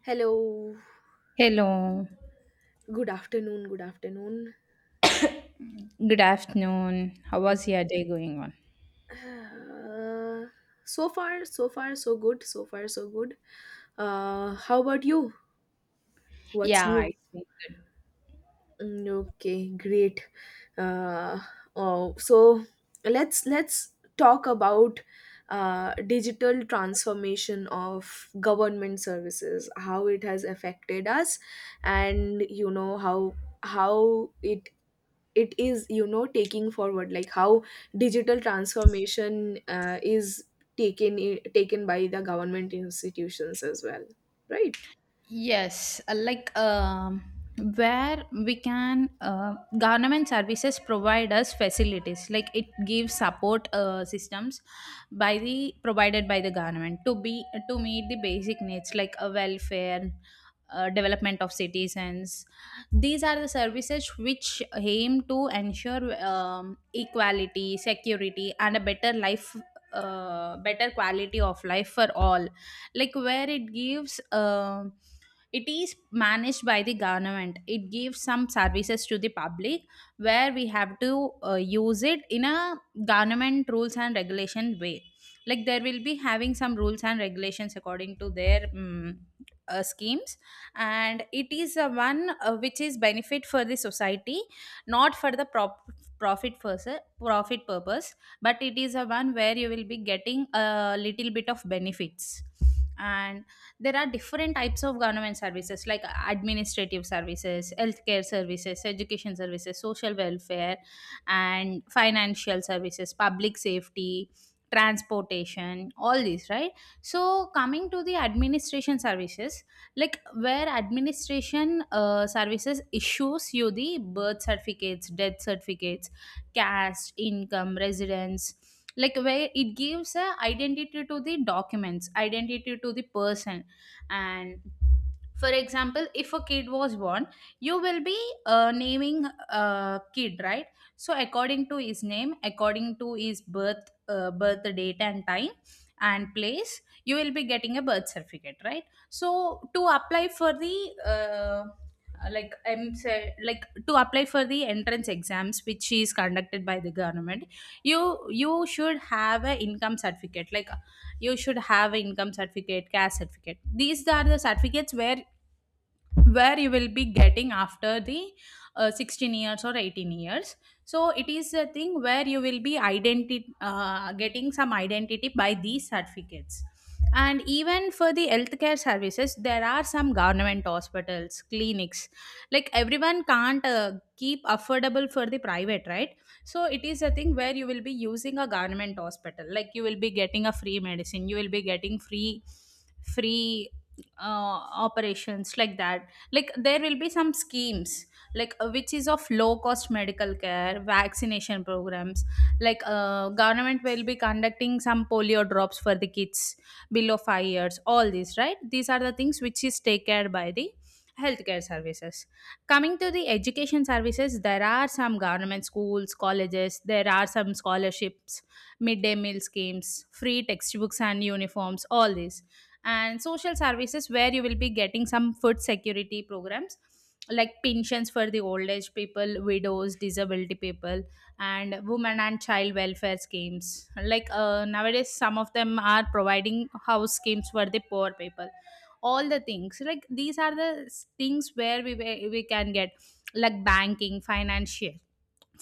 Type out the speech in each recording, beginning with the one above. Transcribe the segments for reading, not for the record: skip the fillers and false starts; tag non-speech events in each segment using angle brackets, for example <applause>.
Hello. Hello, Good afternoon. Good afternoon. good afternoon. How It- was your day going on? uh, so far, so good. So far, so good. How about you? What's Yeah, new? it's been good. Mm, okay, great. Uh, oh, so let's talk about digital transformation of government services, how it has affected us, and how how it it is taking forward, like how digital transformation is taken by the government institutions as well, right? Yes, uh, like um, where we can, government services provide us facilities. Like it gives support systems by the provided by the government to meet the basic needs like a welfare, development of citizens. These are the services which aim to ensure equality, security, and a better life, better quality of life for all. Like where it gives. It is managed by the government. It gives some services to the public where we have to use it in a government rules and regulation way. Like there will be having some rules and regulations according to their schemes, and it is a one which is benefit for the society, not for the prop- profit first, profit purpose, but it is a one where you will be getting a little bit of benefits. And there are different types of government services like administrative services, healthcare services, education services, social welfare and financial services, public safety, transportation, all these, right? So coming to the administration services, like where administration services issues you the birth certificates, death certificates, caste, income, residence, like where it gives a identity to the documents, identity to the person. And for example, if a kid was born, you will be naming a kid, right? So according to his name, according to his birth date and time and place, you will be getting a birth certificate, right? So to apply for the uh, like like to apply for the entrance exams which is conducted by the government, you you should have a income certificate. Like you should have income certificate, cash certificate. These are the certificates where you will be getting after the 16 years or 18 years. So it is a thing where you will be identity getting some identity by these certificates. And even for the healthcare services, there are some government hospitals, clinics. Like everyone can't keep affordable for the private, right? So it is a thing where you will be using a government hospital, like you will be getting a free medicine, you will be getting free free uh, operations, like that. Like there will be some schemes like which is of low cost medical care, vaccination programs. Like government will be conducting some polio drops for the kids below 5 years, all these, right? These are the things which is take care by the healthcare services. Coming to the education services, there are some government schools, colleges, there are some scholarships, midday meal schemes, free textbooks and uniforms, all these. And social services, where you will be getting some food security programs like pensions for the old age people, widows, disability people, and women and child welfare schemes. Like nowadays some of them are providing house schemes for the poor people, all the things like these are the things where we can get, like banking, financial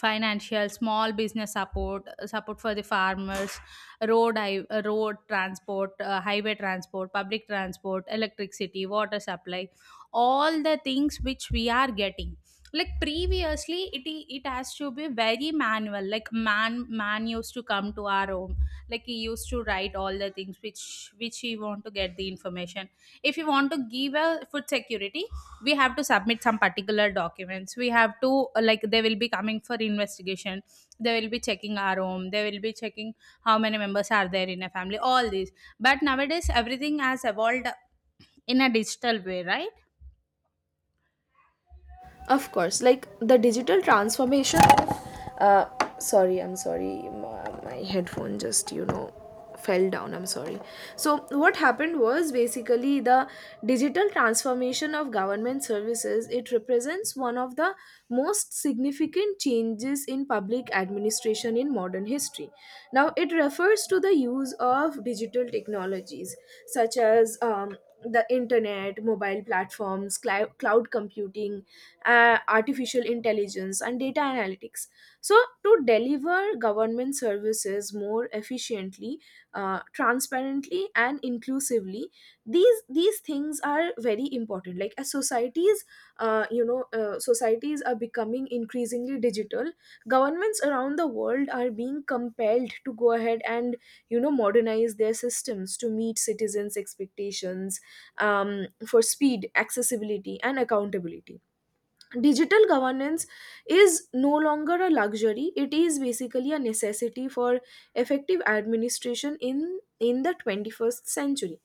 financial, small business support, support for the farmers, road transport, highway transport, public transport, electricity, water supply, all the things which we are getting. Like previously it has to be very manual, like man man used to come to our home, like he used to write all the things which he want to get the information. If you want to give a food security, we have to submit some particular documents, we have to like they will be coming for investigation, they will be checking our home, they will be checking how many members are there in a family, all these. But nowadays everything has evolved in a digital way, right? Of course, like the Uh, sorry, I'm sorry. My headphone just, fell down. I'm sorry. So, what happened was basically the digital transformation of government services. It represents one of the most significant changes in public administration in modern history. Now, it refers to the use of digital technologies, such as the internet, mobile platforms, cloud computing, artificial intelligence, and data analytics. So, to deliver government services more efficiently, transparently, and inclusively, these things are very important. Like, as societies are becoming increasingly digital. Governments around the world are being compelled to go ahead and modernize their systems to meet citizens' expectations for speed, accessibility, and accountability. Digital governance is no longer a luxury, it is basically a necessity for effective administration in the 21st century.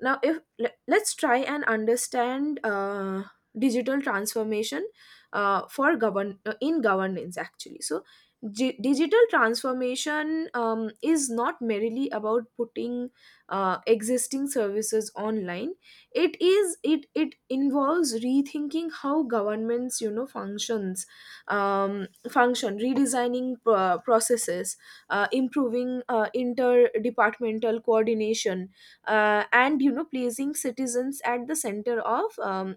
Now, if let's try and understand digital transformation, for govern in governance, actually. So, digital transformation is not merely about putting existing services online. It is it it involves rethinking how governments, function, redesigning processes, improving interdepartmental coordination, and placing citizens at the center of, um,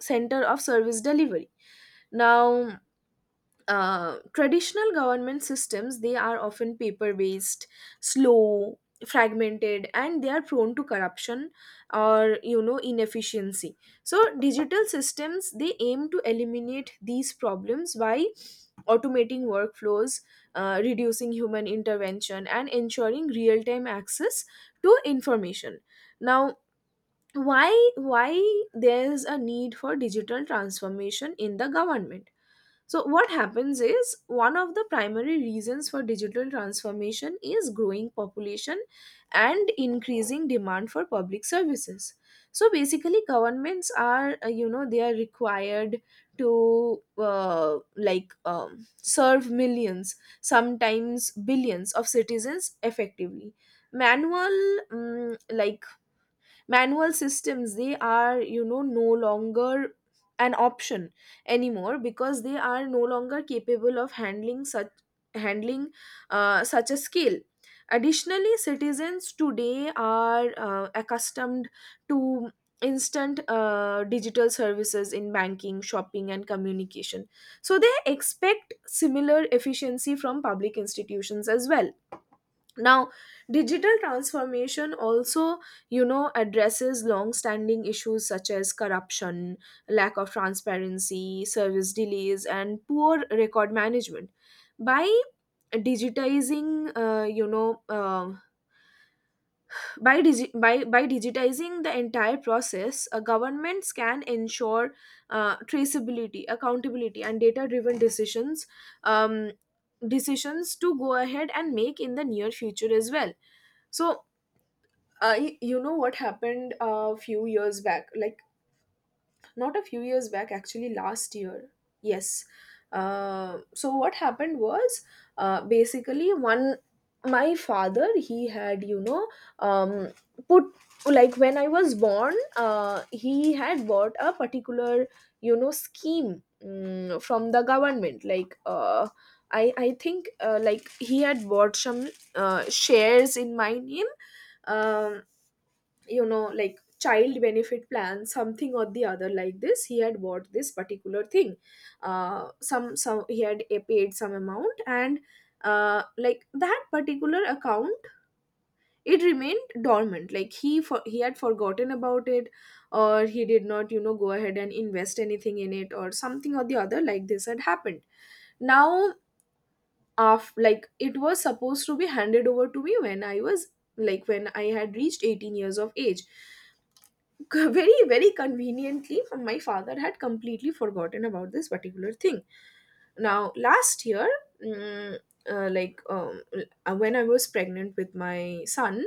center of service delivery. Now, traditional government systems, they are often paper based, slow, fragmented, and they are prone to corruption or, inefficiency. So digital systems, they aim to eliminate these problems by automating workflows, reducing human intervention and ensuring real time access to information. Now, why there's a need for digital transformation in the government. So, what happens is, one of the primary reasons for digital transformation is growing population and increasing demand for public services. So, basically, governments are, they are required to, serve millions, sometimes billions of citizens effectively. Manual, systems, they are, no longer an option anymore, because they are no longer capable of handling such a scale. Additionally, citizens today are accustomed to instant, digital services in banking, shopping, and communication, so they expect similar efficiency from public institutions as well. Now, digital transformation also addresses long standing issues such as corruption, lack of transparency, service delays, and poor record management. By digitizing, you know by, digi- by digitizing the entire process, governments can ensure traceability, accountability, and data driven decisions, um, decisions to go ahead and make in the near future as well. So, what happened a few years back, like, not a few years back, actually last year. Yes. So what happened was, basically, one, my father, he had, um, put, like, when I was born, he had bought a particular, scheme, from the government. Like, I think, like, he had bought some, shares in my name. um, like, child benefit plan, something or the other like this, he had bought this particular thing. Some, he had, paid some amount, and, like, that particular account, it remained dormant. Like, he had forgotten about it, or he did not, go ahead and invest anything in it, or something or the other like this had happened. Now, af like, it was supposed to be handed over to me, when I was like, when I had reached 18 years of age. <laughs> Very, very conveniently, my father had completely forgotten about this particular thing. Now, last year, mm, like, when I was pregnant with my son,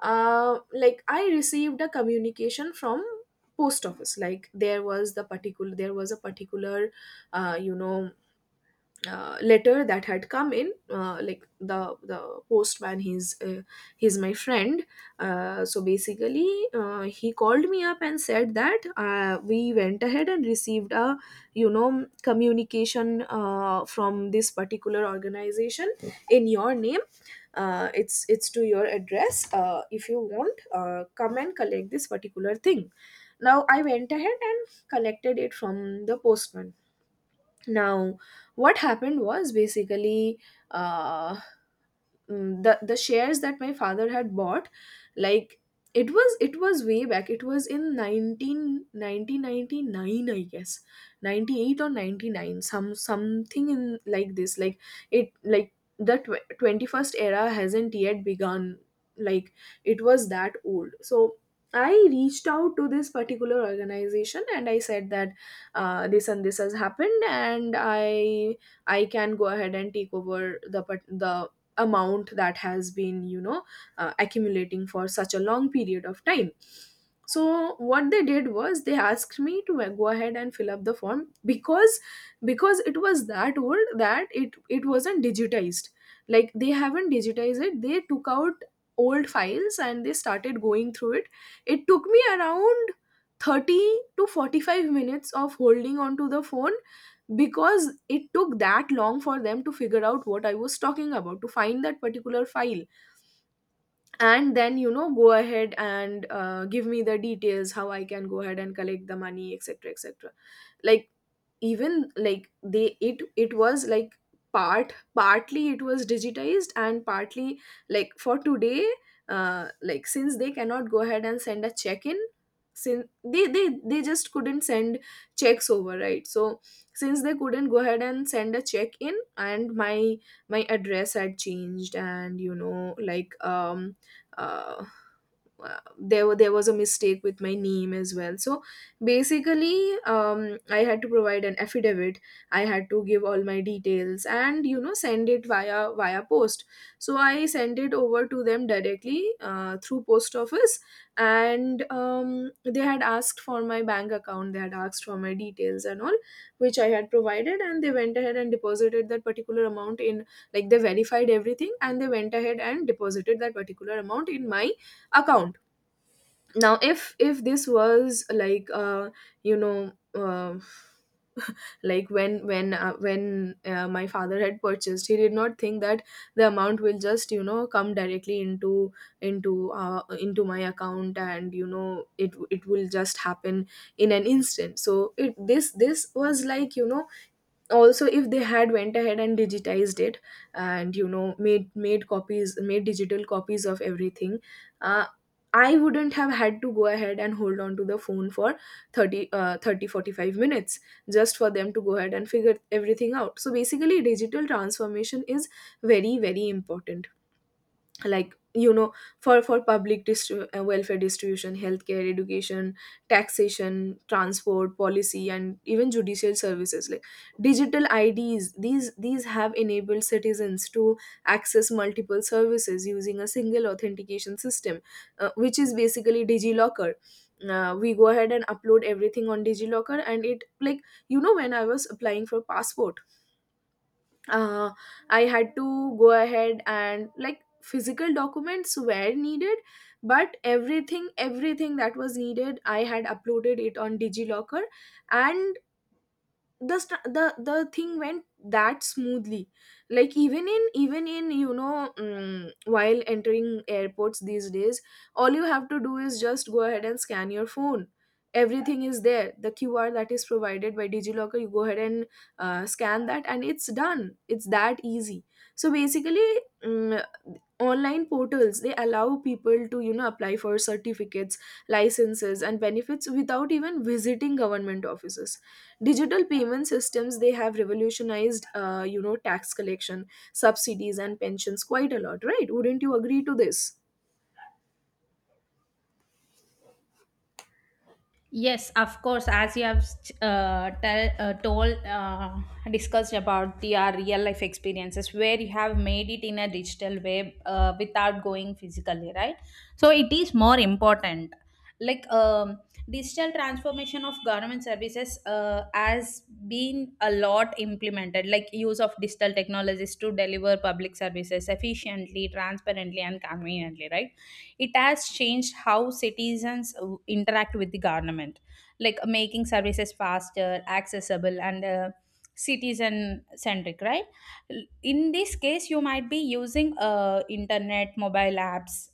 like, I received a communication from post office. Like, there was a particular, uh, you know letter that had come in. Like, the postman, he's my friend. So basically, he called me up and said that, we went ahead and received a, communication, from this particular organization in your name. It's to your address. If you want, come and collect this particular thing. Now, I went ahead and collected it from the postman. Now, what happened was basically, uh, the shares that my father had bought, like, it was way back. It was in nineteen ninety nine, I guess, 98 or 99, something in like this. Like, it, like, the 21st era hasn't yet begun. Like, it was that old. So I reached out to this particular organization and I said that, this and this has happened, and I can go ahead and take over the amount that has been, accumulating for such a long period of time. So what they did was, they asked me to go ahead and fill up the form, because, it was that old that it wasn't digitized. Like, they haven't digitized it, they took out old files and they started going through it. It took me around 30 to 45 minutes of holding onto the phone, because it took that long for them to figure out what I was talking about, to find that particular file, and then, go ahead and give me the details how I can go ahead and collect the money, etc. etc. Like, even, like they it it was like part, partly it was digitized and partly, like, for today like, since they cannot go ahead and send a check in. Since they just couldn't send checks over, right? So since they couldn't go ahead and send a check in, and my address had changed, and, uh there was a mistake with my name as well. So basically, I had to provide an affidavit. I had to give all my details and, send it via, post. So I sent it over to them directly, through post office. And, they had asked for my bank account, they had asked for my details and all, which I had provided, and they went ahead and deposited that particular amount in. Like, they verified everything and they went ahead and deposited that particular amount in my account. Now, if this was like, you know uh, like, when my father had purchased, he did not think that the amount will just, come directly into, into my account, and, it will just happen in an instant. So, it this this was like, also, if they had went ahead and digitized it, and, made digital copies of everything, uh, I wouldn't have had to go ahead and hold on to the phone for 30 45 minutes, just for them to go ahead and figure everything out. So basically, digital transformation is very, very important. Like, for, welfare distribution, healthcare, education, taxation, transport, policy, and even judicial services. Like, digital IDs, these have enabled citizens to access multiple services using a single authentication system, which is basically DigiLocker. We go ahead and upload everything on DigiLocker, and it, like, when I was applying for passport, uh, I had to go ahead and, like, physical documents were needed, but everything, everything that was needed, I had uploaded it on DigiLocker, and the st- the thing went that smoothly. Like, even in, while entering airports these days, all you have to do is just go ahead and scan your phone. Everything is there. The QR that is provided by DigiLocker, you go ahead and scan that, and it's done. It's that easy. So basically, mm online portals, they allow people to, apply for certificates, licenses, and benefits without even visiting government offices. Digital payment systems, they have revolutionized, tax collection, subsidies, and pensions, quite a lot, right? Wouldn't you agree to this? Yes, of course. As you have uh, tell, uh, told, uh, discussed about the our real life experiences where you have made it in a digital way without going physically, right? So it is more important. Like digital transformation of government services has been a lot implemented, like use of digital technologies to deliver public services efficiently, transparently, and conveniently, right? It has changed how citizens interact with the government, like making services faster, accessible, and citizen centric, right? In this case you might be using internet, mobile apps,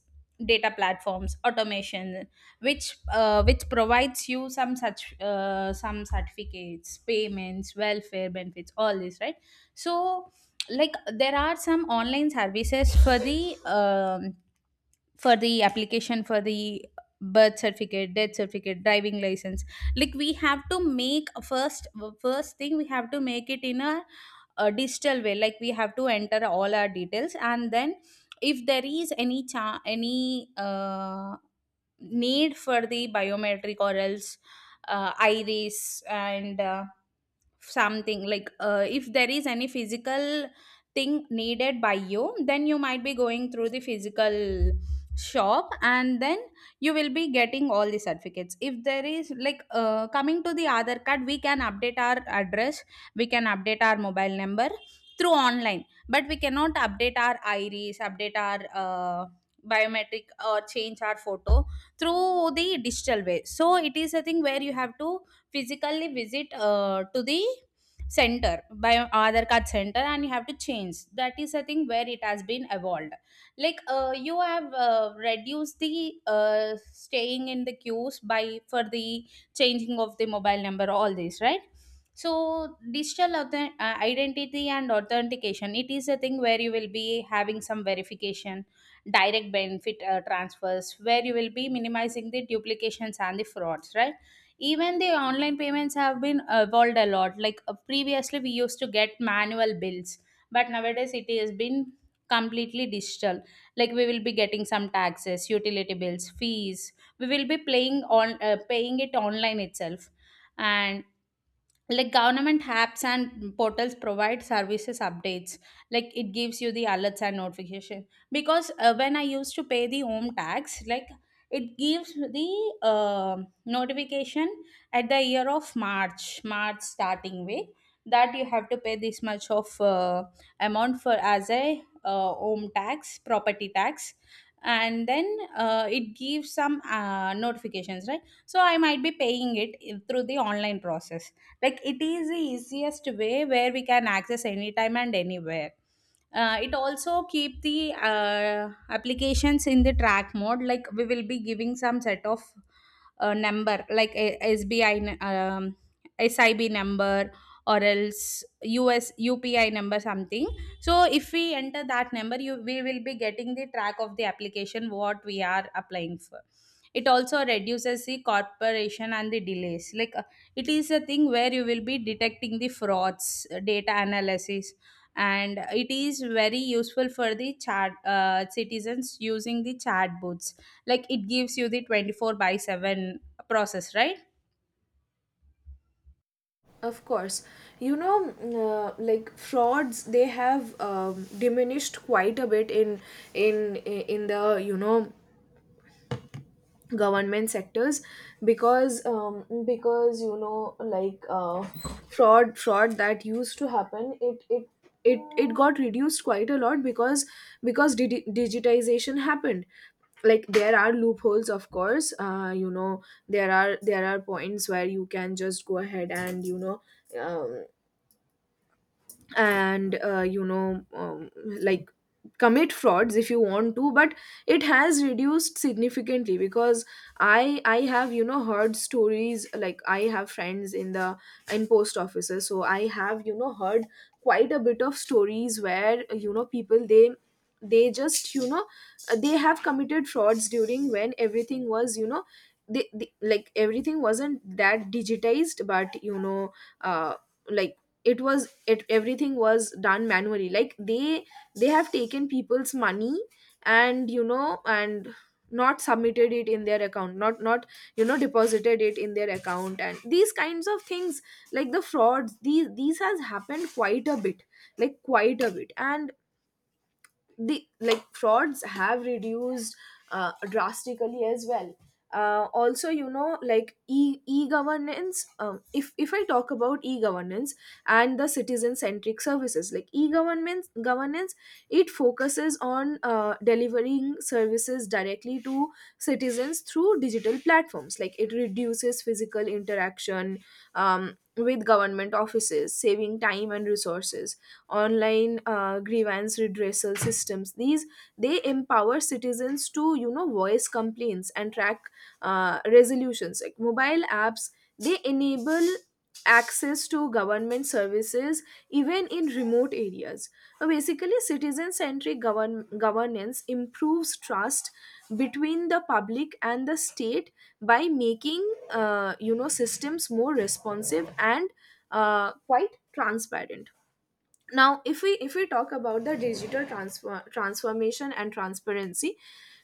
data platforms, automation, which provides you some such some certificates, payments, welfare benefits, all this, right? So like there are some online services um, for the application for the birth certificate, death certificate, driving license. Like we have to make first, first thing we have to make it in a digital way. Like we have to enter all our details, and then if there is any cha- any need for the biometric, or else iris, and something, like if there is any physical thing needed by you, then you might be going through the physical shop, and then you will be getting all the certificates. If there is like coming to the other card, we can update our address, we can update our mobile number through online, but we cannot update our iris, update our biometric, or change our photo through the digital way. So it is a thing where you have to physically visit to the center by other card center, and you have to change. That is, I think, where it has been evolved. Like you have reduced the uh, staying in the queues by for the changing of the mobile number, all this, right? So identity and authentication, it is a thing where you will be having some verification, direct benefit transfers, where you will be minimizing the duplications and the frauds, right? Even the online payments have been evolved a lot. Like previously, we used to get manual bills, but nowadays it has been completely digital. Like we will be getting some taxes, utility bills, fees. We will be playing on paying it online itself. And like government apps and portals provide services updates, like it gives you the alerts and notification. Because when I used to pay the home tax, like it gives the notification at the year of march starting way, that you have to pay this much of amount for as a home tax, property tax, and then it gives some notifications, right? So I might be paying it in- through the online process. Like it is the easiest way where we can access anytime and anywhere. It also keep the applications in the track mode. Like we will be giving some set of number, like a sbi n- um, sib number, or else us upi number, something. So if we enter that number, you we will be getting the track of the application what we are applying for. It also reduces the corporation and the delays. Like it is a thing where you will be detecting the frauds, data analysis, and it is very useful for the chat citizens using the chat boots. Like it gives you the 24 by 7 process, right? Of course. you know like, frauds, they have, diminished quite a bit in, the, government sectors. Because, like, fraud that used to happen, it got reduced quite a lot, because digitization happened. Like, there are loopholes, of course, There are there are points where you can just go ahead and um, and uh, you know um, like commit frauds if you want to, but it has reduced significantly because I have heard stories. Like I have friends in the in post offices, so I have heard quite a bit of stories where people, they just you know they have committed frauds during when everything was you know they like everything wasn't that digitized, but uh like it was it everything was done manually. Like they have taken people's money and and not submitted it in their account, not deposited it in their account, and these kinds of things. Like the frauds, these has happened quite a bit, like quite a bit. And the like frauds have reduced drastically as well. Also, like e e-governance, if I talk about e-governance and the citizen centric services, like e-government governance, it focuses on delivering services directly to citizens through digital platforms. Like it reduces physical interaction with government offices, saving time and resources. Online grievance redressal systems, these, they empower citizens to voice complaints and track resolutions. Like mobile apps, they enable access to government services even in remote areas. So basically, citizen-centric govern- governance improves trust between the public and the state by making systems more responsive and quite transparent. Now, if we talk about the digital transfer, transformation and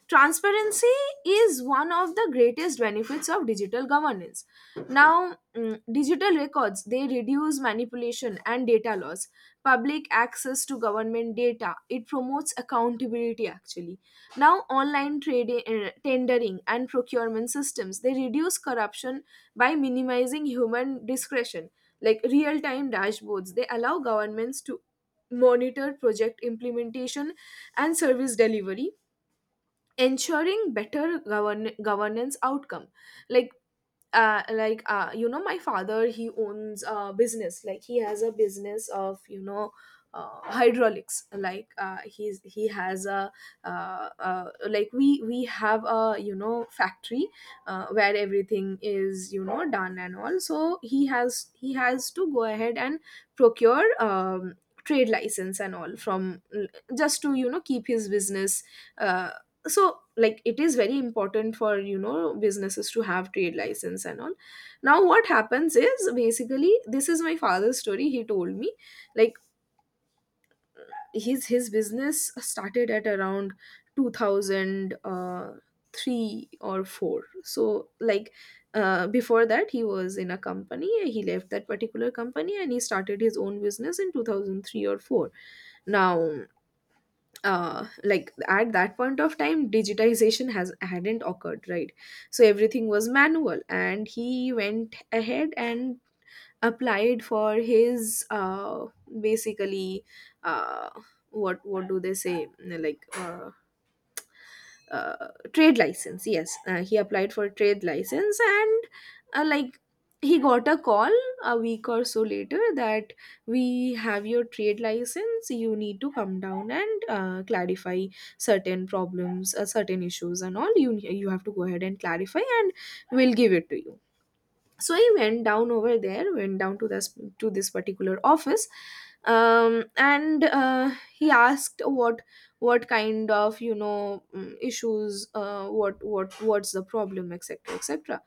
transparency is one of the greatest benefits of digital governance. Now, digital records, they reduce manipulation and data loss. Public access to government data, it promotes accountability actually. Now, online trading, tendering and procurement systems, they reduce corruption by minimizing human discretion. Like real time dashboards, they allow governments to monitor project implementation and service delivery, ensuring better govern- governance outcome. like my father, he owns a business. Like he has a business of hydraulics. Like he has a like we have a factory where everything is done and all. So he has to go ahead and procure trade license and all from, just to keep his business uh, so like. It is very important for businesses to have trade license and all. Now what happens is, basically, this is my father's story, he told me. Like his business started at around 2003 or 4. So like before that he was in a company, he left that particular company and he started his own business in 2003 or 4. Now, like at that point of time digitization has hadn't occurred, right? So everything was manual, and he went ahead and applied for his basically uh what do they say like, uh, trade license, yes. He applied for a trade license, and like he got a call a week or so later that, we have your trade license, you need to come down and clarify certain problems, certain issues and all, you have to go ahead and clarify and we'll give it to you. So I went down over there, went down to this particular office. And He asked what kind of issues, what's the problem, etc, etc.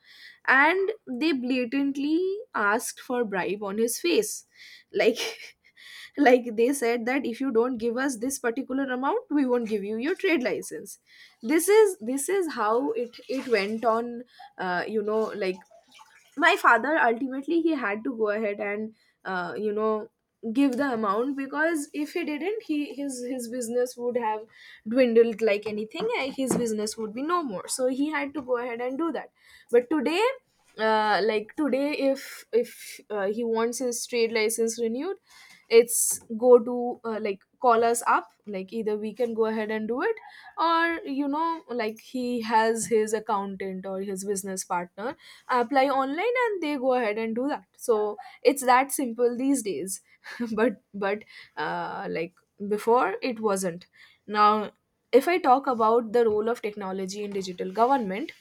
And they blatantly asked for bribe on his face. Like <laughs> like they said that if you don't give us this particular amount we won't give you your trade license. This is how it went on. Like my father ultimately, he had to go ahead and uh, you know give the amount, because if he didn't, he his business would have dwindled like anything, and his business would be no more. So he had to go ahead and do that. But today, if he wants his trade license renewed, it's go to like call us up, like either we can go ahead and do it, or like he has his accountant or his business partner apply online, and they go ahead and do that. So it's that simple these days <laughs> but uh, like before it wasn't. Now if I talk about the role of technology in digital government,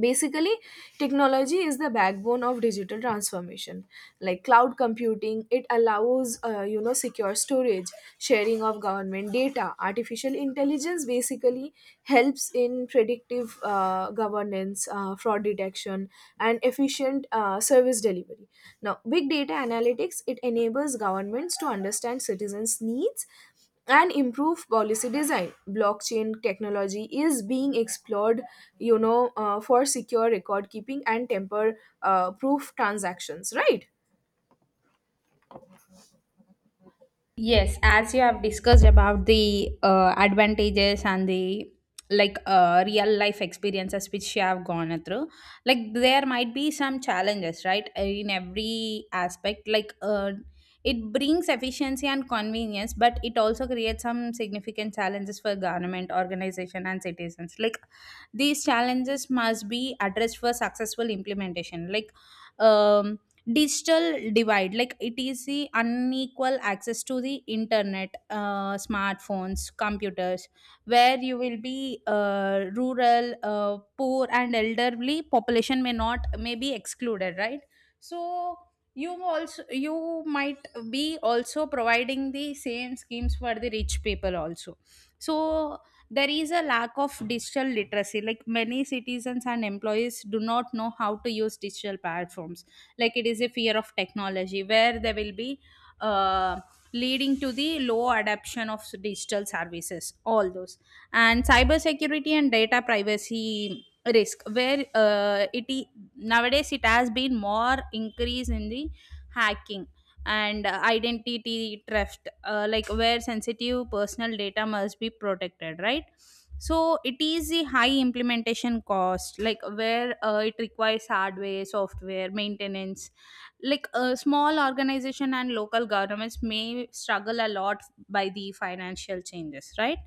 basically technology is the backbone of digital transformation. Like cloud computing, it allows secure storage, sharing of government data. Artificial intelligence basically helps in predictive governance, fraud detection and efficient service delivery. Now, big data analytics, it enables governments to understand citizens needs and improve policy design. Blockchain technology is being explored, for secure record keeping and temper proof transactions, right? Yes, as you have discussed about the advantages and the like real life experiences which you have gone through, like there might be some challenges, right? In every aspect, like it brings efficiency and convenience, but it also creates some significant challenges for government, organization, and citizens. Like these challenges must be addressed for successful implementation. Like um digital divide, like it is the unequal access to the internet, smartphones, computers, where you will be rural, poor and elderly population may not may be excluded, right? So you also you might be also providing the same schemes for the rich people also. So there is a lack of digital literacy, like many citizens and employees do not know how to use digital platforms. Like it is a fear of technology, where they will be uh, leading to the low adoption of digital services, all those. And cybersecurity and data privacy risk, where nowadays it has been more increase in the hacking and identity theft, like where sensitive personal data must be protected, right? So it is the high implementation cost, like where it requires hardware, software, maintenance. Like a small organization and local governments may struggle a lot by the financial changes, right?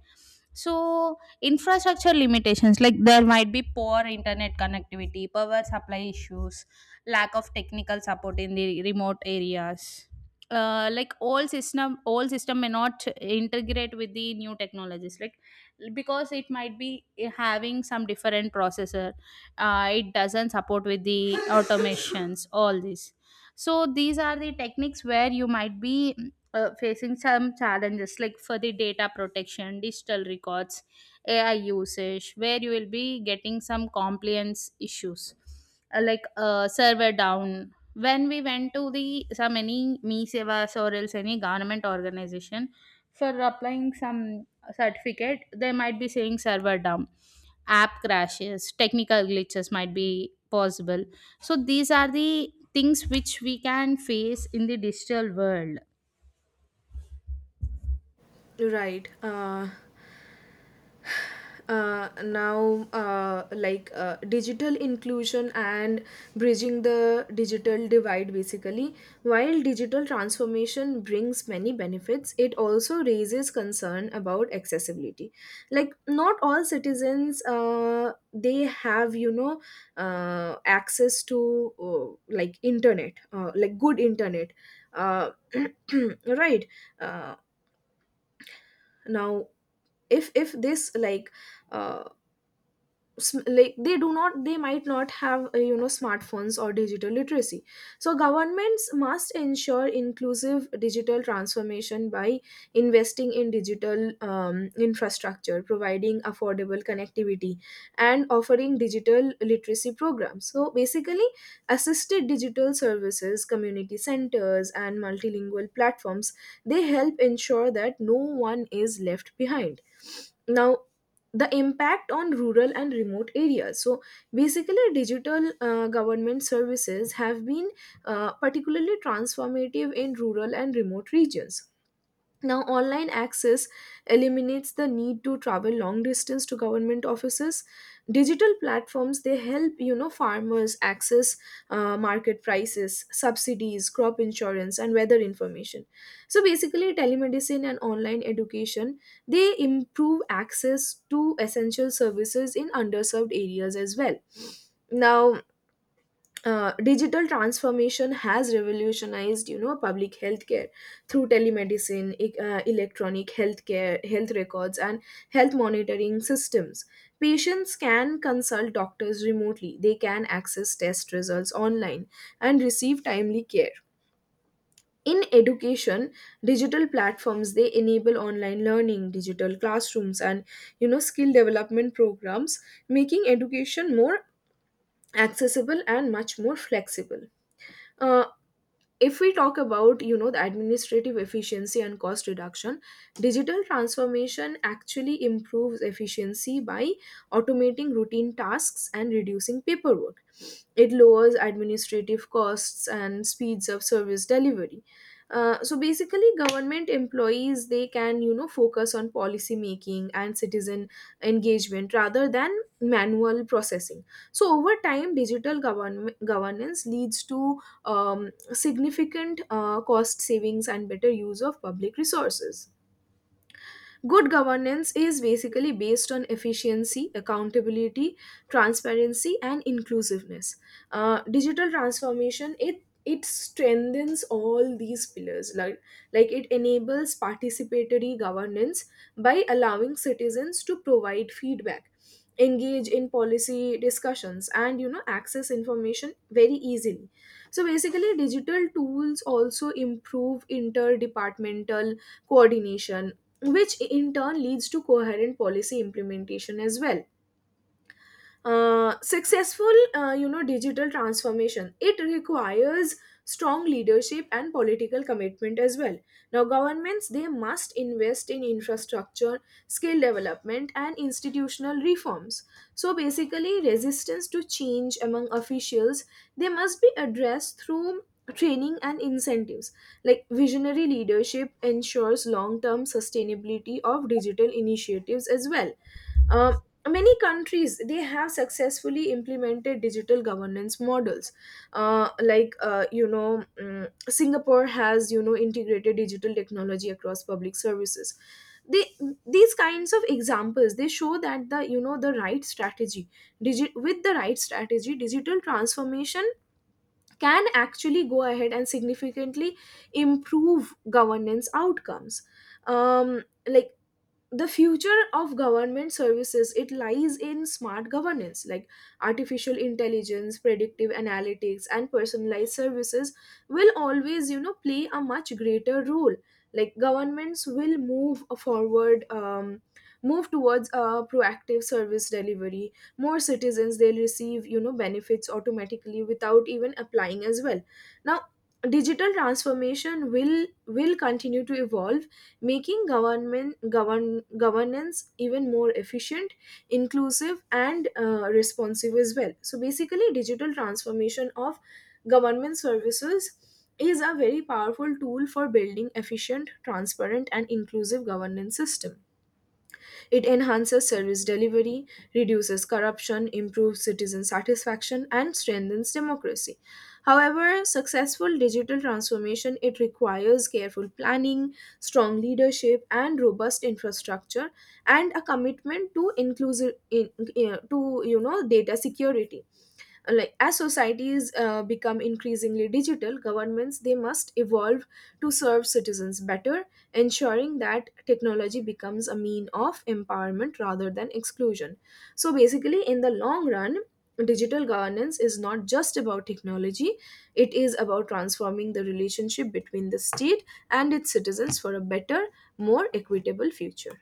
So infrastructure limitations, like there might be poor internet connectivity, power supply issues, lack of technical support in the remote areas. Like all system may not integrate with the new technologies, like because it might be having some different processor, it doesn't support with the automations, all this. So these are the techniques where you might be facing some challenges, like for the data protection, digital records, ai usage, where you will be getting some compliance issues. Like server down, when we went to the some any me sevas, or else any government organization, for applying some certificate, they might be saying server down, app crashes, technical glitches might be possible. So these are the things which we can face in the digital world. Right. Now, digital inclusion and bridging the digital divide, basically while digital transformation brings many benefits, it also raises concern about accessibility. Like not all citizens, they have access to like internet, like good internet uh, <clears throat> right. Uh, now if if this, like, uh, like they do not, they might not have smartphones or digital literacy. So governments must ensure inclusive digital transformation by investing in digital infrastructure, providing affordable connectivity, and offering digital literacy programs. So basically, assisted digital services, community centers and multilingual platforms, they help ensure that no one is left behind. Now, the impact on rural and remote areas. So basically, digital government services have been particularly transformative in rural and remote regions. Now, online access eliminates the need to travel long distance to government offices. Digital platforms, they help farmers access market prices, subsidies, crop insurance, and weather information. So basically, telemedicine and online education, they improve access to essential services in underserved areas as well. Now, digital transformation has revolutionized public healthcare through telemedicine, electronic healthcare health records and health monitoring systems. Patients can consult doctors remotely, they can access test results online and receive timely care. In education, digital platforms, they enable online learning, digital classrooms and skill development programs, making education more accessible and much more flexible. Uh, if we talk about the administrative efficiency and cost reduction, digital transformation actually improves efficiency by automating routine tasks and reducing paperwork. It lowers administrative costs and speeds up service delivery. So basically, government employees, they can focus on policy making and citizen engagement rather than manual processing. So over time, digital govern- governance leads to um, significant cost savings and better use of public resources. Good governance is basically based on efficiency, accountability, transparency, and inclusiveness. Digital transformation, it strengthens all these pillars. Like it enables participatory governance by allowing citizens to provide feedback, engage in policy discussions and access information very easily. So basically, digital tools also improve interdepartmental coordination, which in turn leads to coherent policy implementation as well. Successful digital transformation, it requires strong leadership and political commitment as well. Now, governments, they must invest in infrastructure, skill development and institutional reforms. So basically, resistance to change among officials, they must be addressed through training and incentives. Like visionary leadership ensures long term sustainability of digital initiatives as well. um, Many countries, they have successfully implemented digital governance models. Singapore has integrated digital technology across public services. They, these kinds of examples, they show that the you know the right strategy, with the right strategy, digital transformation can actually go ahead and significantly improve governance outcomes. Like the future of government services, it lies in smart governance. Like artificial intelligence, predictive analytics and personalized services will always play a much greater role. Like governments will move forward, move towards a proactive service delivery. More citizens, they'll receive benefits automatically without even applying as well. Now, digital transformation will continue to evolve, making government govern, governance even more efficient, inclusive and responsive as well. So basically, digital transformation of government services is a very powerful tool for building efficient, transparent and inclusive governance system. It enhances service delivery, reduces corruption, improves citizen satisfaction, and strengthens democracy. However, successful digital transformation, it requires careful planning, strong leadership, and robust infrastructure, and a commitment to inclusive in, eh, to data security. Like as societies become increasingly digital, governments, they must evolve to serve citizens better, ensuring that technology becomes a mean of empowerment rather than exclusion. So basically, in the long run, digital governance is not just about technology, it is about transforming the relationship between the state and its citizens for a better, more equitable future.